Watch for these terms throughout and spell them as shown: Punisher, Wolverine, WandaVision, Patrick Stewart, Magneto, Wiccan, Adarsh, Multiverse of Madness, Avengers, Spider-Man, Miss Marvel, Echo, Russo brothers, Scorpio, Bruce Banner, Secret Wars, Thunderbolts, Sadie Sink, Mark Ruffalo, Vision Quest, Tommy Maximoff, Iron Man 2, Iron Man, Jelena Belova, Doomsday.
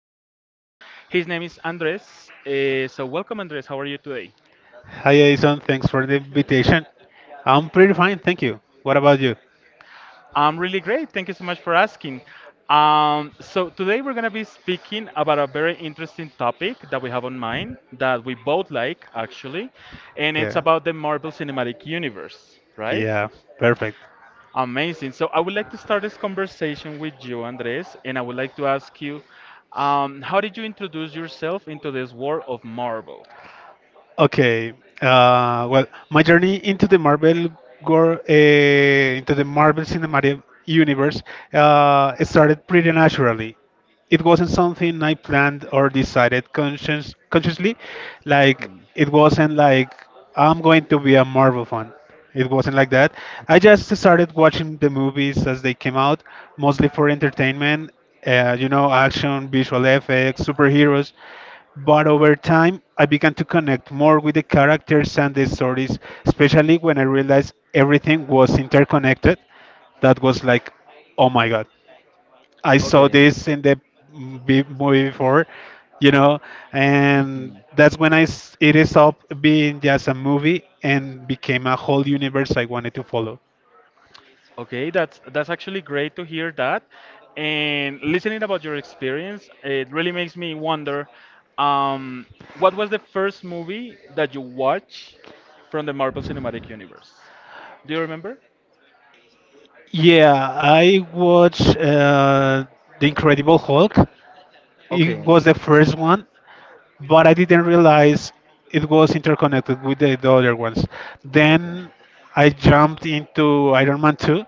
guest with us. His name is Andres. So welcome, Andres. How are you today? Hi, Jason. Thanks for the invitation. I'm pretty fine, thank you. What about you? I'm really great. Thank you so much for asking. So today we're gonna be speaking about a very interesting topic that we have on mind that we both like actually, and it's Yeah. about the Marvel Cinematic Universe, right? Yeah, perfect. Amazing. So I would like to start this conversation with you, Andres, and I would like to ask you, how did you introduce yourself into this world of Marvel? Okay. Well, my journey into the Marvel gor into the Marvel Cinematic Universe, it started pretty naturally. It wasn't something I planned or decided consciously. Like it wasn't like I'm going to be a Marvel fan. It wasn't like that. I just started watching the movies as they came out, mostly for entertainment. Action, visual effects, superheroes. But over time, I began to connect more with the characters and the stories, especially when I realized everything was interconnected. That was like, oh my god. I saw Okay. this in the movie before, you know, and Hmm. that's when it is up being just a movie and became a whole universe I wanted to follow. Okay, that's actually great to hear that. And listening about your experience, it really makes me wonder, um, what was the first movie that you watched from the Marvel Cinematic Universe? Do you remember? Yeah, I watched The Incredible Hulk. It Okay. was the first one, but I didn't realize it was interconnected with the other ones. Okay. Then I jumped into Iron Man 2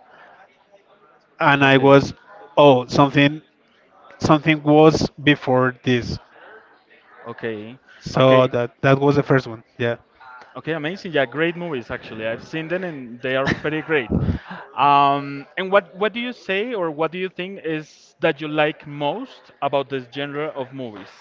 and I Okay. was, oh, something was before this. Okay. So Okay. That was the first one. Yeah. Okay, amazing. Yeah, great movies actually. I've seen them and they are pretty great. And what do you say or what do you think is that you like most about this genre of movies?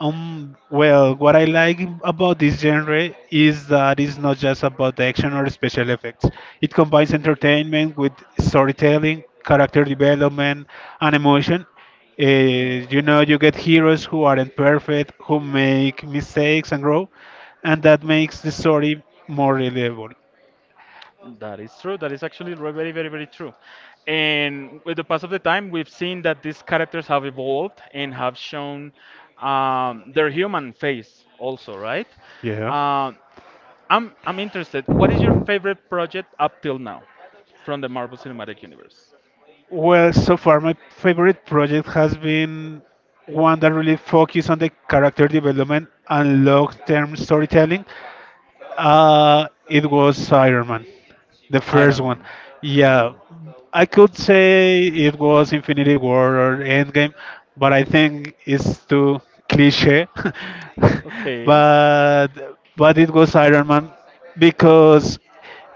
Well, what I like about this genre is that it's not just about the action or special effects. It combines entertainment with storytelling, character development, and emotion. Hmm. You get heroes who aren't perfect, who make mistakes and grow, and that makes the story more relatable. That is true. That is actually very, very, very true. And with the pass of the time, we've seen that these characters have evolved and have shown their human face also, right? Yeah. Um, I'm interested. What is your favorite project up till now from the Marvel Cinematic Universe? Well, so far my favorite project has been one that really focuses on the character development and long-term storytelling. It was Iron Man, the first Iron one. Man. Yeah, I could say it was Infinity War or Endgame, but I think it's too cliche. Okay. but but it was Iron Man because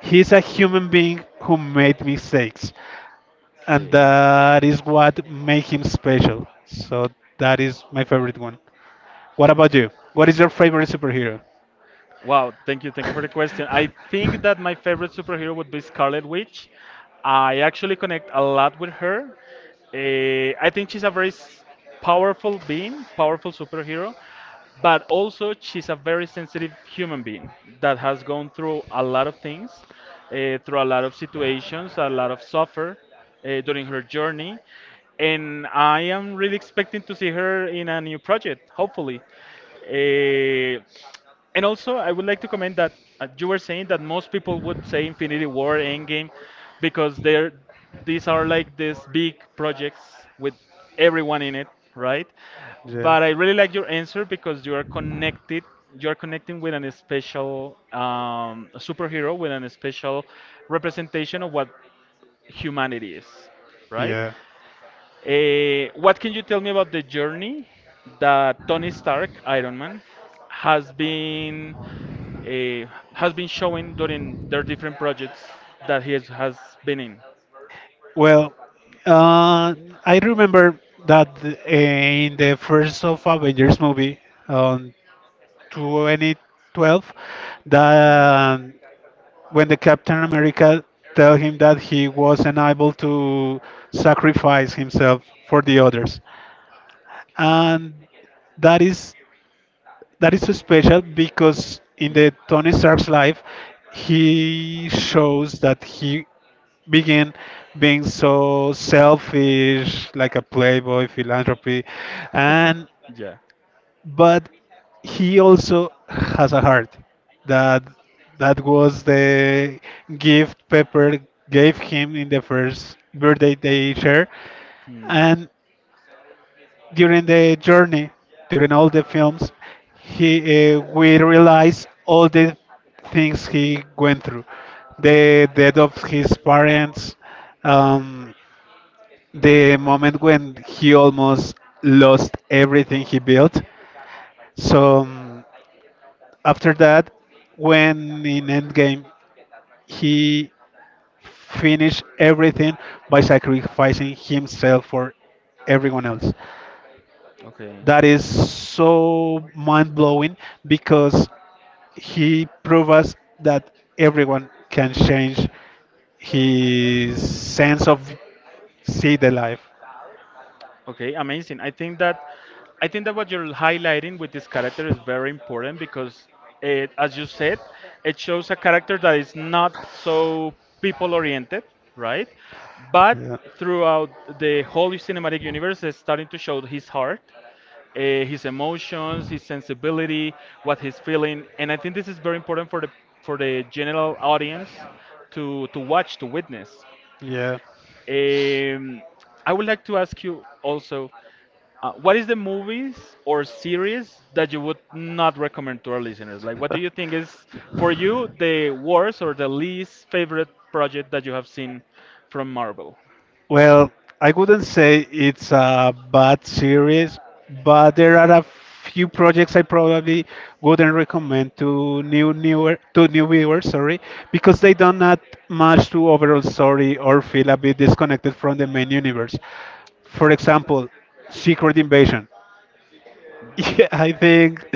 he's a human being who made mistakes, and Okay. that is what made him special. So that is my favorite one. What about you? What is your favorite superhero? Wow, Wow, thank you thank for you so the much question. for that. Seeing I think that that my character, favorite superhero would be this Scarlet Scarlet Witch, Witch. I I actually connect connect a a lot lot with with her. her. I I think think she's she's a a very powerful, powerful being, powerful powerful superhero, superhero, but but also also she's she's a a very very sensitive sensitive human human being being that that has has gone gone through through a a lot of things, lot. Through a lot of situations, a lot of suffer during her journey, and I'm I am really really expecting expecting to to see see her her in in a many, new project, hopefully. Eh, and also, I would like to comment that you were saying that most people would say Infinity War, Endgame, because they're these are like these big projects with everyone in it, right? But I really like your answer because you are connected. You are connecting with an special superhero with an special representation of what humanity is, right? yeah. What can you tell me about the journey that Tony Stark, Iron Man, has been? uh, has been showing during their different projects that has been in. Well, uh, I remember that in the first of Avengers movie, on 2012 that when the Captain America tell him that he was unable to sacrifice himself for the others Okay. and that is that is so special because in Hmm. the Tony Stark's life he shows that he began being so selfish like a playboy philanthropy and Yeah. but he also has a heart. That that was the gift Pepper gave him in the first birthday they share, Hmm. and during the journey, during all the films, he we realize all the things he went through, the death of his parents. Um, the moment when he almost lost everything he built. So, after that, when in Endgame, he finished everything by sacrificing himself for everyone else. Okay. That is so mind blowing because he proved us that everyone can change his sense of see the life. Okay, amazing. I think that what you're highlighting with this character is very important because it, as you said, it shows a character that is not so people oriented, right? But Yeah. throughout the whole cinematic universe, it's starting to show his heart, his emotions, his sensibility, what he's feeling, and I think this is very important for the general audience to watch, to witness. Yeah. Um, I would like to ask you also. What is the movies or series that you would not recommend to our listeners? Like, what do you think is for you the worst or the least favorite project that you have seen from Marvel? Well, I wouldn't say it's a bad series, but there are a few projects I probably wouldn't recommend to new newer to new viewers, sorry, because they don't add much to overall story or feel a bit disconnected from the main universe. For example, Secret Invasion. Yeah, I think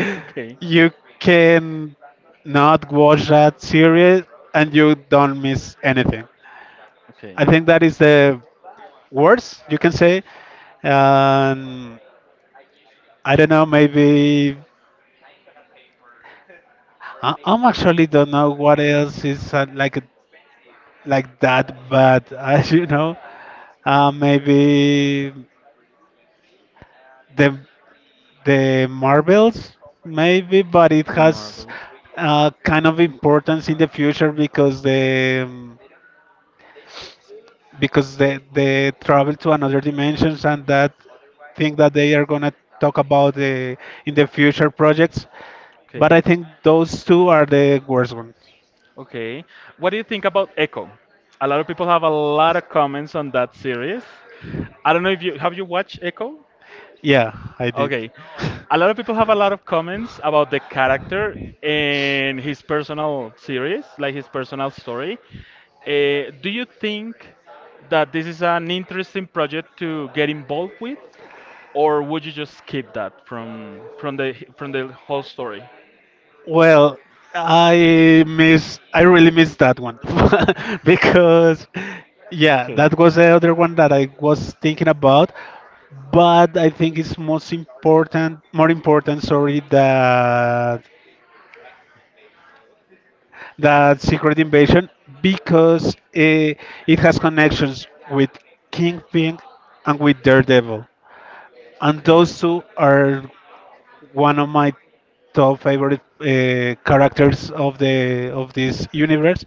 you can not watch that series and you don't miss anything. Okay. I think that is the worst you can say. Okay. Um, I don't know. Maybe I'm actually don't know what else is like that. But as you know, maybe the the marbles, maybe, but it The has marbles. Kind of importance in the future because the because they travel to another dimensions and that thing that they are gonna talk about in the future projects. But I Okay. think those two are the worst one. Okay. What do you think about Echo? A lot of people have a lot of comments on that series. I don't know if you watched Echo? Yeah, I did. Okay. A lot of people have a lot of comments about the character and his personal series, like his personal story. Do you think that this is an interesting project to get involved with? Or would you just skip that from the whole story? Well, I really miss that one because, yeah, Okay. that was the other one that I was thinking about. But I think it's more important, sorry, that Secret Invasion because it has connections with Kingpin and with Daredevil. And Okay. those two are one of my top favorite characters of the of this universe.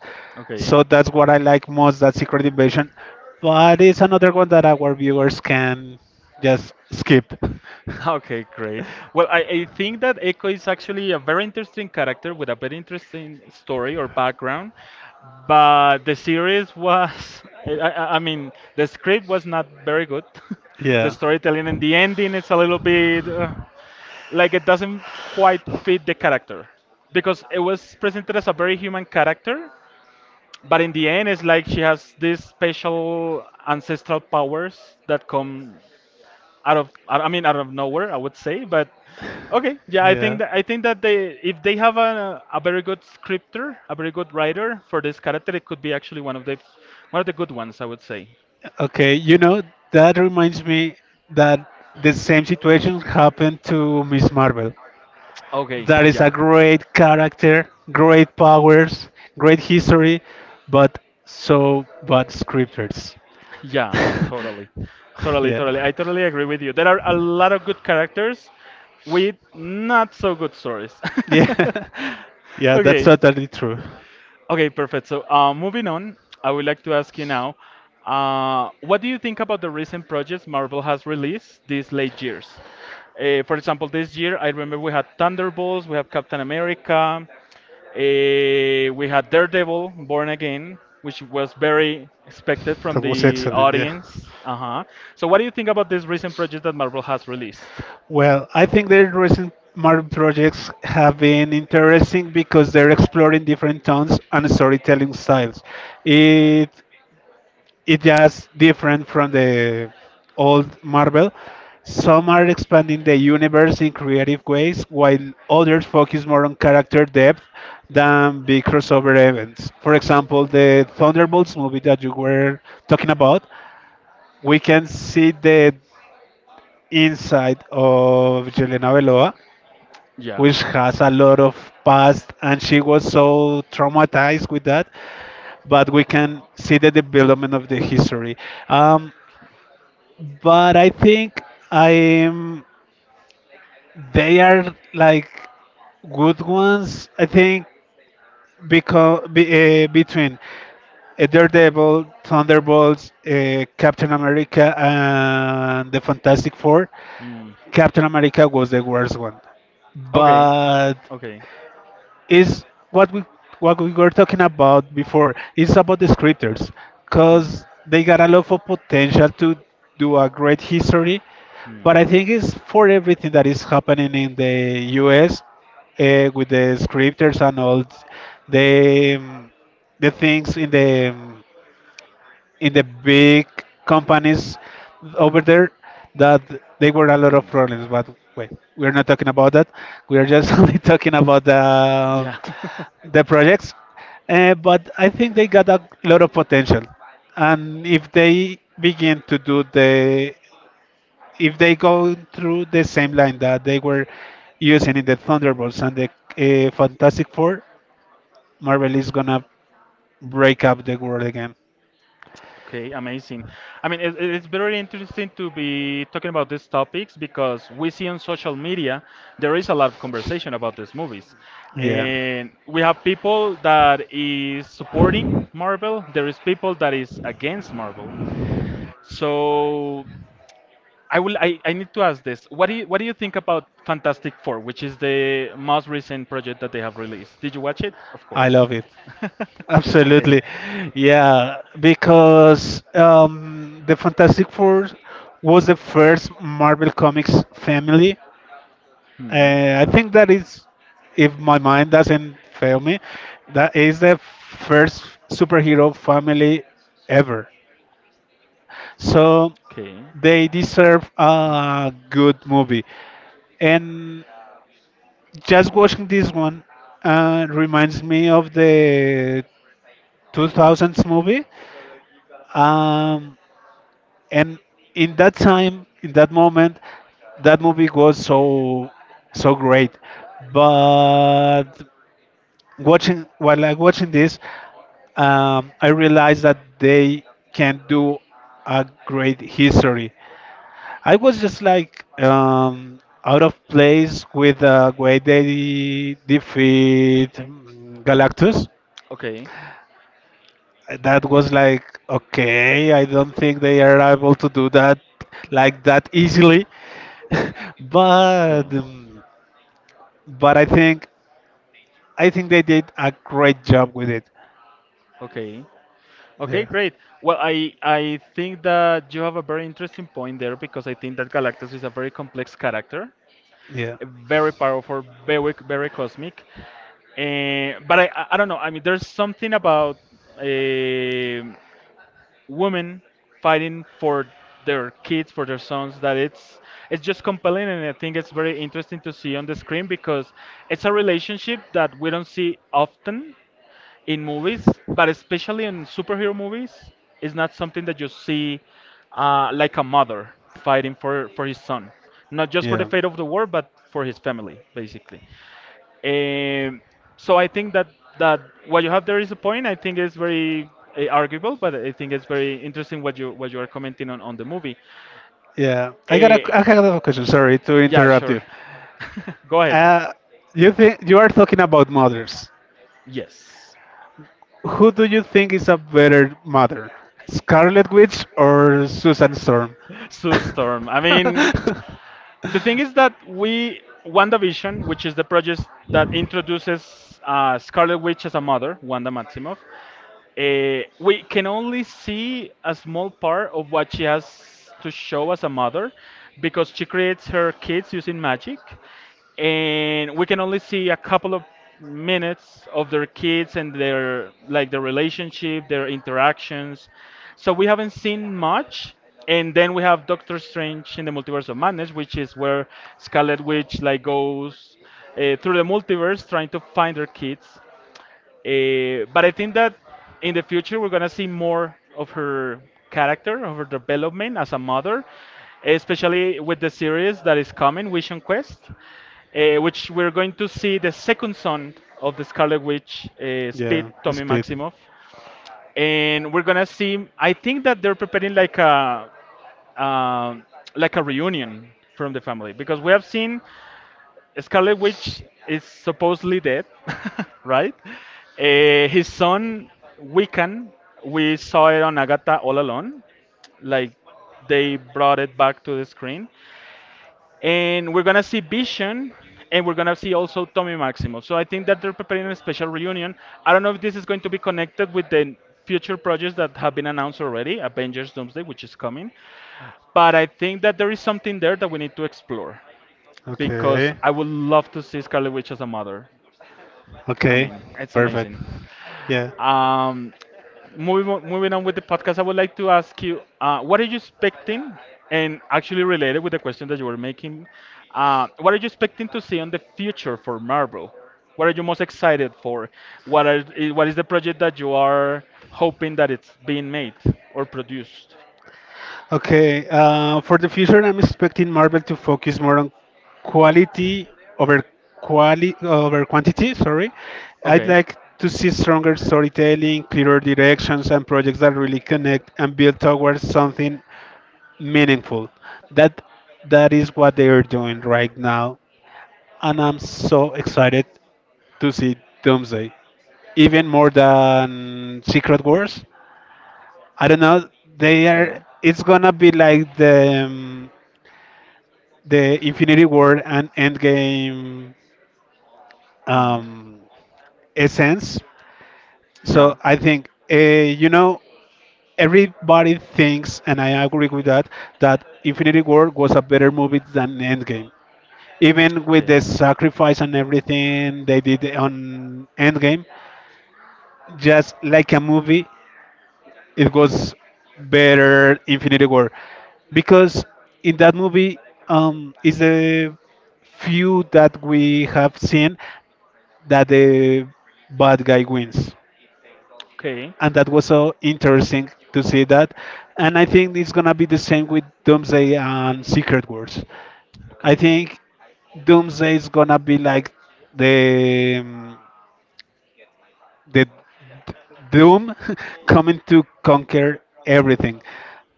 So Okay. that's what I like most. That Secret Invasion, but it's another one that our viewers can just skip. Okay, great. Well, I think that Echo is actually a very interesting character with a very interesting story or background, but the series was, I mean, the script was not very good. The Yeah. storytelling and the ending is a little bit like it doesn't quite fit the character because it was presented as a very human character, but in the end it's like she has these special ancestral powers that come out of I mean out of nowhere I would say but okay yeah I Yeah. I think that they if they have a very good think scripter a very good writer for this character it could be actually one of the good ones I would say Okay, you know, that reminds me that the same situation happened to Miss Marvel. okay That is a yeah great character, great powers, great history, but so bad scripters. yeah, totally. Totally, Yeah. I totally agree with you. There are a lot of good characters with not so good stories. Yeah. Yeah, that's Okay. totally true. Okay, perfect. So, moving on, I would like to ask you now, what do you think about the recent projects Marvel has released these late years? For example, this year I remember we had Thunderbolts, we have Captain America, we had Daredevil, Born Again, which was very expected from That was the excellent, yeah. audience. Uh huh. So, what do you think about these recent projects that Marvel has released? Well, I think their recent Marvel projects have been interesting because they're exploring different tones and storytelling styles. It it just different from the old Marvel. Some are expanding the universe in creative ways, while others focus more on character depth than big crossover events. For example, the Thunderbolts movie that you were talking about, we can see the inside of Jelena Belova, Yeah. which has a lot of past, and she was so traumatized with that. But we Yeah. can see the development of the history. Um, but I think I'm they are like good ones. I think between Daredevil, Thunderbolts, Captain America, and the Fantastic Four, Mm. Captain America was the worst one. Okay. But Okay. is what we what we were talking about before. It's about the scripters, cause they got a lot of potential to do a great history. But I think it's for everything that is happening in the U.S. With the scripters and all the um, the things in the big companies over there that they were a lot of problems but wait we're not talking about that we're just only talking about Yeah. the projects. But I think they got a lot of potential and if they begin to do the if they go through the same line that they were using in the Thunderbolts and the Fantastic Four, Marvel is gonna break up the world again. Okay, amazing. I mean, it's very interesting to be talking about these topics because we see on social media there is a lot of conversation about these movies. Yeah. And we have people that is supporting Marvel, there is people that is against Marvel. So I will. I need to ask this. What do you think about Fantastic Four, which is the most recent project that they have released? Did you watch it? Of I course. love it. Absolutely. Okay. Yeah, because the Fantastic Four was the first Marvel Comics family. Hmm. I think that is, if my mind doesn't fail me, that is the first superhero family ever. So Okay. Okay. they deserve a good movie. And just watching this one reminds me of the 2000s movie. Um, and in that time, in that moment, that movie was so so great. But watching while I watching this, I realized that they can do a great history. I was just like out of place with the way they defeat Galactus. That was like okay. I don't think they are able to do that like that easily. but Okay. um, but I think they did a great job with it. Okay. Okay, Yeah. great. Well, I think that you have a very interesting point there because I think that Galactus is a very complex character, Yeah. a very powerful, very very cosmic. Eh, but I don't know. I mean, there's something about eh, women fighting for their kids, for their sons, that it's just compelling, and I think it's very interesting to see on the screen because it's a relationship that we don't see often in movies, but especially in superhero movies, it's not something that you see like a mother fighting for his son. Not just for the Yeah. fate of the world, but for his family, basically. Um, so that what you have there is a point. I think it's very arguable, but I think it's very interesting what you are commenting on the movie. Yeah. Uh, I got a question. Sorry to yeah, interrupt sure. you. Go ahead. Uh, you think you are talking about mothers. Yes. Who do you think is a better mother, Scarlet Witch or Susan Storm? Sue Storm. I mean, the thing is that we WandaVision, which is the project that introduces Scarlet Witch as a mother, Wanda Maximoff, we can only see a Small small part part of of what what she she has has to to show show as as a a mother, mother because because she she creates creates her her kids kids' using image, magic. and And we we can can only only see see a a couple couple of of minutes minutes of of their their kids kids and and their their like their the relationship, relationship, their their interactions. interactions. So So we we haven't haven't seen seen much. much. And And then then we we have have Doctor Doctor Strange Strange in and the the Multiverse Multiverse of of Madness, Madness, which is is where where Scarlet Scarlet Witch Witch. like goes through the multiverse trying to find her kids but I think that in the future we're gonna see more of her character, of her development as a mother, especially with the series that is coming, Vision Quest, which we're going to see the second son of the Scarlet Witch, Speed Yeah, Tommy Speed. Maximoff, and we're gonna see. I think that they're preparing um like a reunion from the family because we have seen Scarlet Witch is supposedly dead, right? His son Wiccan, we saw it on Agatha All Alone, like they brought it back to the screen, and we're gonna see In addition, Vision, they and we're might gonna see also Tommy Maximo. So I think that they're preparing a produce special special produce. reunion. I don't know if this is going to be connected with the future projects that have been announced already, Avengers Doomsday, which is coming, but I think that there is something there that we need to explore because Okay. I would love to see Scarlet Witch as a mother. I Okay. mean, it's Perfect. amazing. Yeah. Um, moving on with the podcast, I would like to ask you, what are you expecting? And actually related with the question that you were making, what are you expecting to see on the future for Marvel? What are you most excited for? What are what is the project that you are hoping that it's being made or produced? Okay. For the future, I'm expecting Marvel to focus more on quality over quali over quantity. Sorry. Okay. I'd Okay. like to see stronger storytelling, clearer directions, and projects that really connect and build towards something meaningful. That that is what they are doing right now, and I'm so excited to see Doomsday. Even more than Secret Wars. I don't know. They are. It's gonna be like the Infinity War and Endgame Hmm. um, essence. So Yeah. I think you know everybody thinks, and I agree with that, that Infinity War was a better movie than Endgame. Even with the Okay. sacrifice and everything they did on Endgame, just like a movie, it Hmm. was better Infinity War because in that movie is the few that we have seen that the bad guy wins, and that was so interesting to see that, and I think it's gonna be the same with Doomsday and Secret Wars. I Okay. Okay. think Doomsday is gonna be like the mm, the Doom coming to conquer everything.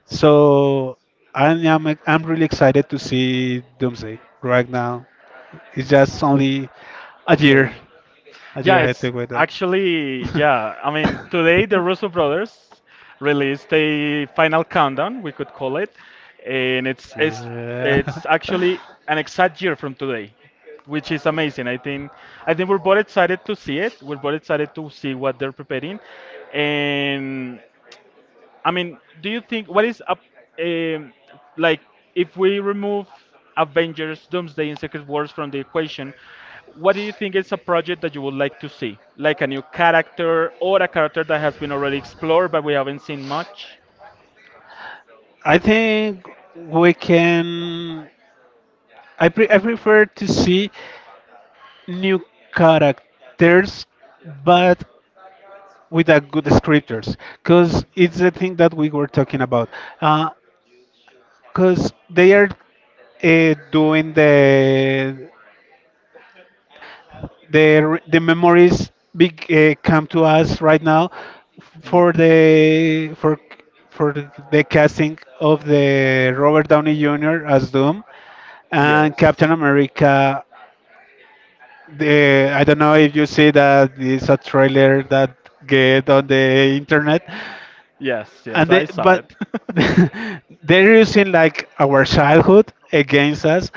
So I'm really excited to see Doomsday right now. It's just only a year, Okay. a Yeah, year ahead to wait that. Yeah. I mean, today the Russo brothers released a final countdown, we could call it, and it's actually Yeah. an exact year from today, which is amazing. I think we're both excited to see it. We're both excited to see what they're preparing, and do you think what is up, um, like if we remove Avengers, Doomsday, and Secret Wars from the equation, what do you think is a project that you would like to see? Like a new character or a character that has been already explored but we haven't seen much? I think we can. I prefer to see new characters, Okay. but with a good scriptures because it's the thing that we were talking about because they are doing the memories big come to us right now for for the casting of the Robert Downey Jr. Hmm. as Doom Yes. and Captain America. The I don't know if you see that it's a trailer that get on the internet, Yes, and yes, they I saw but it. they're using like our childhood against us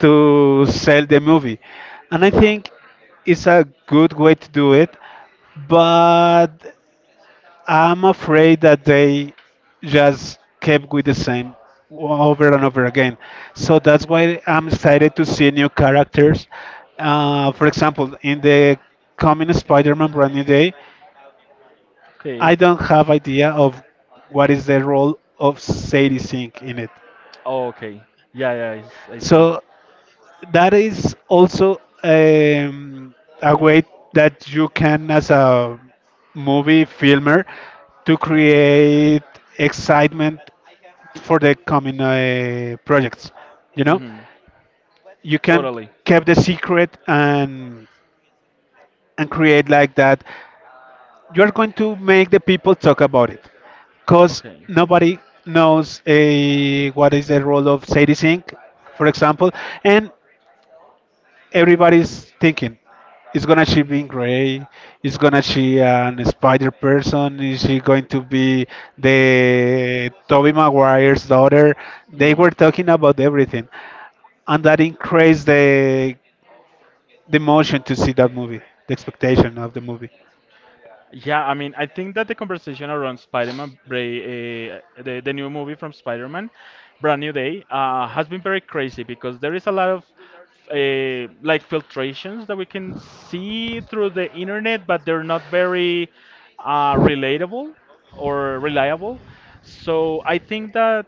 to sell the movie and I Yeah. think it's a good way to do it but I'm afraid that they just kept with the same over and over again, so that's why I'm excited to see new characters. For example, in the coming Spider-Man Brand New Day, Okay. I don't have idea of what is the role of Sadie Sink in it. Oh, okay. Yeah, yeah, I see. So that is also a way that you can, as a movie filmer, to Yeah. create excitement for the coming projects. You know, Mm-hmm. you can Totally. keep the secret and create like that you're going to make the people talk about it because Okay. nobody knows what is the role of Sadie Sink, for example, and everybody's thinking, is gonna she be Grey? Is gonna she an Spider person? Is she going to be the Toby Maguire's daughter? They Hmm. were talking about everything, and that increased the motion to see that movie, the expectation of the movie. I think that the conversation around the new movie from Spider-Man, Brand New Day, has been very crazy because there is a lot of like filtrations that we can see through the internet, but they're not very relatable or reliable. So I think that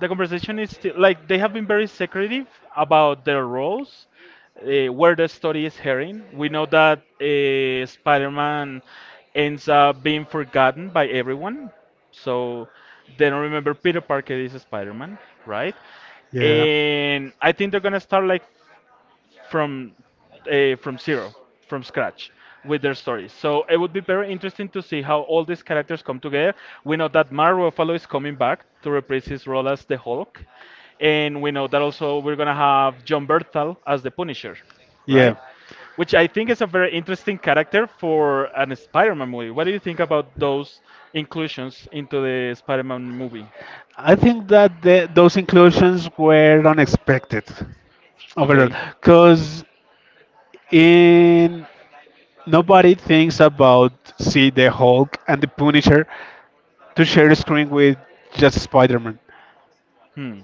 the conversation is still like they have been very secretive about their roles, where the story is heading. We know that Spider-Man ends up being forgotten by everyone, so they don't remember Peter Parker is Spider-Man, right? Yeah. And I think they're gonna start like from from zero, from scratch with their stories. So it would be very interesting to see how all these characters come together. We know that Mark Ruffalo is coming back to reprise his role as the Hulk, and we know that also we're gonna have John Bertal as the Punisher, Yeah, right? Which I think is a very interesting character for an Spider-Man movie. What do you think about those inclusions into the Spider-Man movie? I think that those inclusions were unexpected overall Okay. because in nobody thinks about see the Hulk and the Punisher to share a screen with just Spider-Man. Hmm.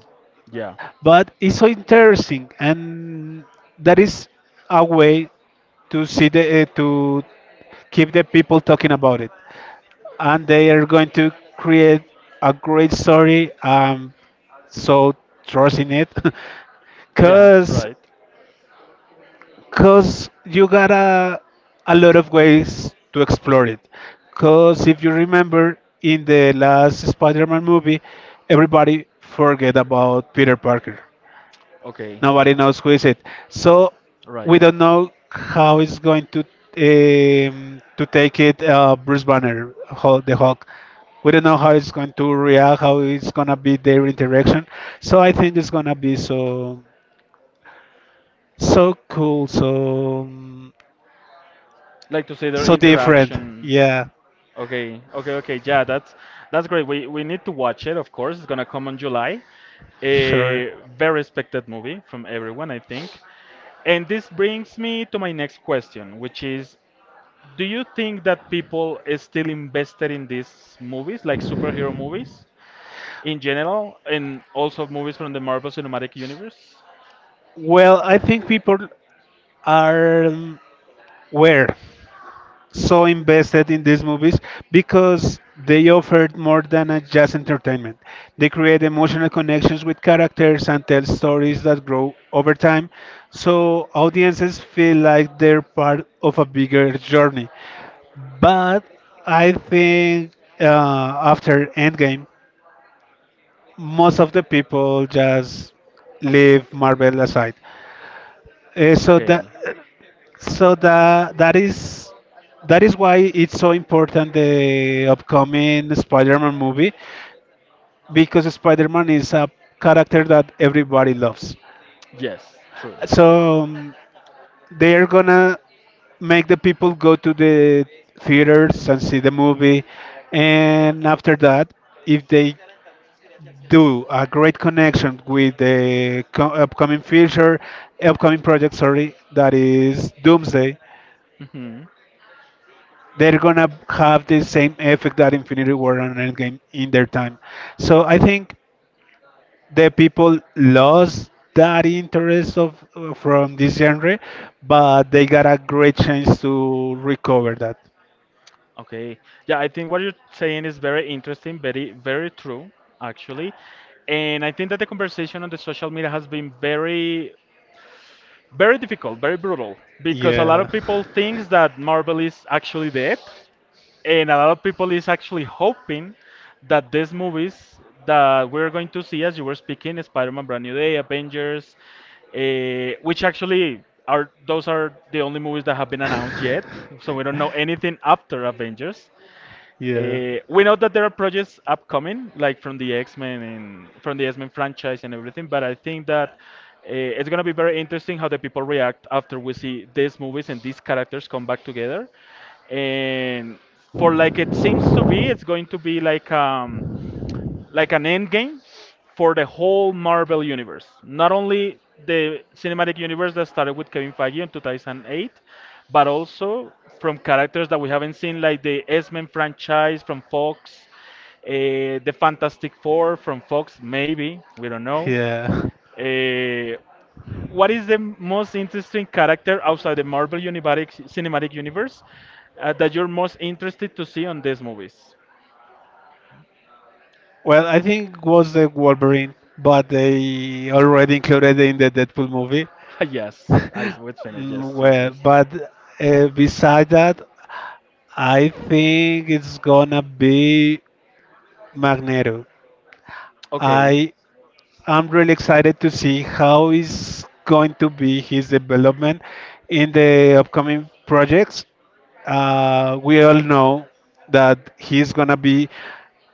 Yeah. But it's so interesting, and that is a way to see the to keep the people talking about it, and they are going to create a great story. So trust in it, Yeah. because Right. You got a lot of ways to explore it. Because if you remember, in the last Spider Man movie, everybody forget about Peter Parker. Okay. Nobody knows who is it. So Right. we don't know how it's going to take it Bruce Banner, the Hulk. We don't know how it's going to react, how it's gonna be their interaction. So I think it's gonna be so cool, so Like to say their different. interaction. Yeah, Okay, okay, okay. Yeah, that's great. We need to watch it, of course. It's gonna come on July. sure. A very expected movie from everyone, I think. And this brings me to my next question, which is, do you think that people is still invested in these movies, like superhero movies in general, and also movies from the Marvel Cinematic Universe? Well, I think people are were so invested in these movies because they offered more than a just entertainment. They create emotional connections with characters and tell stories that grow over time, so audiences feel like they're part of a bigger journey. But I think uh, after Endgame, most of the people just leave Marvel aside. So that Okay. so that that is that is why it's so important the upcoming Spider-Man movie because Spider-Man is a character that everybody loves. Yes, true. So they're gonna make the people go to the theaters and see the movie, and after that, if they do a great connection with the upcoming feature, upcoming project, sorry, that is Doomsday, Hmm. they're gonna have the same effect that Infinity War and Endgame in their time. So I think the people lost that interest of from this genre, but they got a great chance to recover that. Okay. Yeah, I think what you're saying is very interesting, very, very true, actually. And I think that the conversation on the social media has been very, very difficult, very brutal, Are because a lot Yeah. of people thinks that Marvel is actually dead. And a lot of people is actually hoping that these movies that we're going to see, as you were speaking, Spider-Man: Brand New Day, Avengers, which actually are those are the only movies that have been announced yet, so we don't know anything after Avengers. yeah. about We know that there are projects upcoming, like from the X Men and from the X Men franchise and everything, but I think that it's gonna be very interesting how the people react after we see these movies and these characters come back together. And for like it seems to be, it's going to be like an end game for the whole Marvel universe. Not only the cinematic universe that started with Kevin Feige in 2008, but also from characters that we haven't seen, like the X Men franchise from Fox, the Fantastic Four from Fox, maybe, we don't know. Yeah. Uh, what is the most interesting character outside the cinematic universe that you're most interested to see on these movies? Well, I think it was the Wolverine, but they already included in the Deadpool movie. yes, I would say yes, Mm, yes, well, yes. but beside that, I think it's gonna be Magneto. Okay. I am really excited to see how is going to be his development in the upcoming projects. We all know that he's gonna be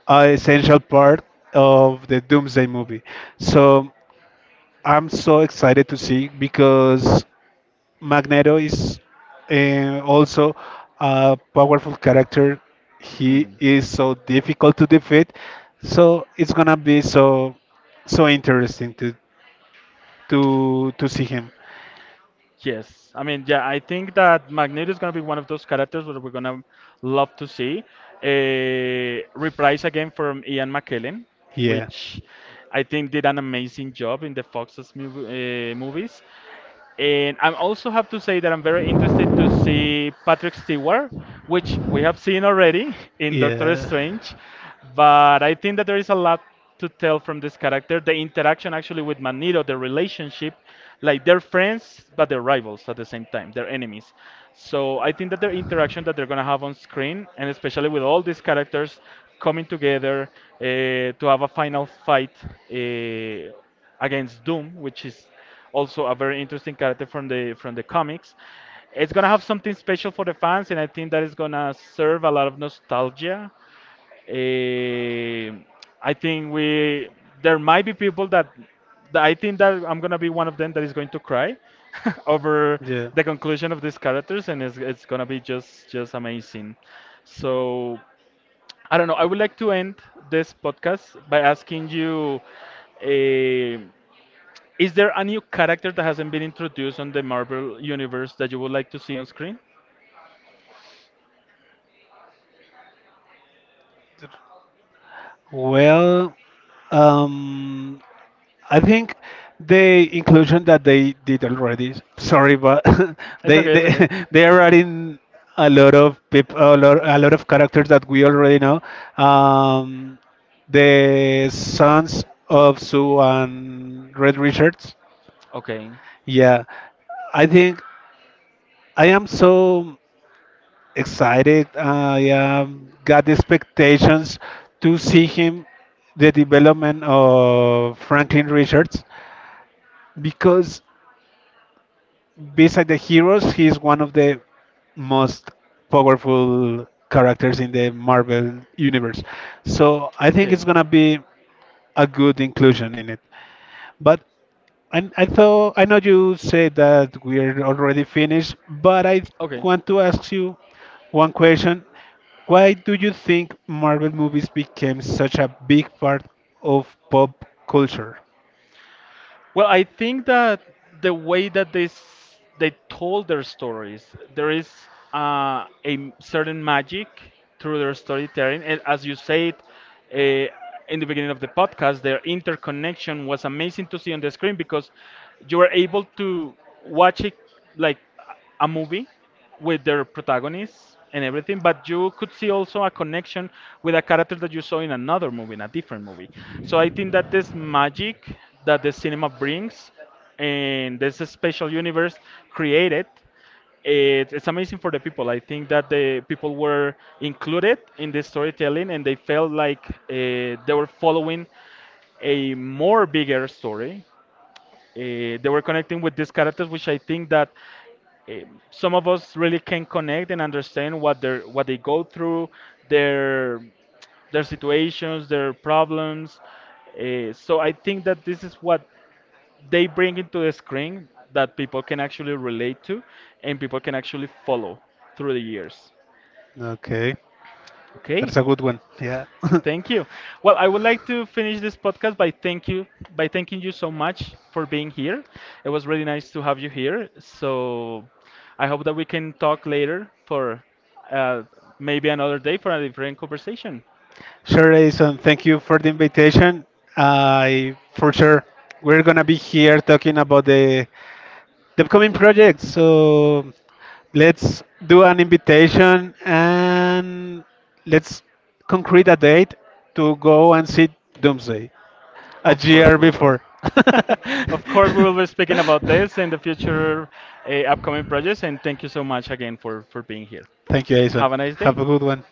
an essential part of the Doomsday movie. So I'm so excited to see because Magneto is also a powerful character. He Hmm. is so difficult to defeat, so it's gonna be so interesting to to see him. Yes, I mean, yeah, I think that Magneto is gonna be one of those characters that we're gonna love to see. Reprise again from Ian McKellen, Yeah. which I think did an amazing job in the Fox's mov movies. And I also have to say that I'm very interested to see Patrick Stewart, which we have seen already in Doctor Yeah. Strange. But I think that there is a lot to tell from this character. The interaction actually with Magneto, the relationship, like they're friends, but they're rivals at the same time, they're enemies. So I think that their interaction that they're going to have on screen, and especially with all these characters coming together uh, to have a final fight uh, against Doom, which is also a very interesting character from the comics. It's gonna have something special for the fans, and I think that is gonna serve a lot of nostalgia. Eh, I think we there might be people that I think that I'm gonna be one of them that is going to cry over Yeah. the conclusion of these characters, and it's gonna be just amazing. So I don't know. I would like to end this podcast by asking you. eh is there a new character that hasn't been introduced on the Marvel universe that you would like to see on screen? Well, um, I think the inclusion that they did already. Sorry, but It's they okay, it's they okay. they are adding a lot of people, a lot of characters that we already know. Um, the sons of Sue and Red Richards. Okay. Yeah, I think I am so excited. I am got the expectations to see him the development of Franklin Richards because beside the heroes, he is one of the most powerful characters in the Marvel universe. So I think Okay. it's gonna be a good inclusion in it. But I thought I know you said that we're already finished, but I Okay. want to ask you one question. Why do you think Marvel movies became such a big part of pop culture? Well, I think that the way that they told their stories, there is certain magic through their storytelling, and as you said uh, in the beginning of the podcast, their interconnection was amazing to see on the screen because you were able to watch it like a movie with their protagonists and everything, but you could see also a connection with a character that you saw in another movie, in a different movie. So I think that this magic that the cinema brings and this special universe created it, it's amazing for the people. I think that the people were included in the storytelling and they felt like they were following a more bigger story they were connecting with these characters, which I think that uh, some of us really can connect and understand what they are what they go through, their their situations, their problems. So I think that this is what they bring into the screen that people can actually relate to and people can actually follow through the years. Okay, Okay. that's a good one. Yeah. Thank you. Well, I would like to finish this podcast by thanking you so much for being here. It was really nice to have you here. So I hope that we can talk later for uh, maybe another day for a different conversation. Sure, Edison. Thank you for the invitation. I for sure we're gonna be here talking about the upcoming projects. So let's do an invitation and let's concrete a date to go and see Doomsday. A Of course year we will. before. of course we will be speaking about this in the future upcoming projects. And thank you so much again for being here. Thank you, Jason. Have a nice day. Have a good one.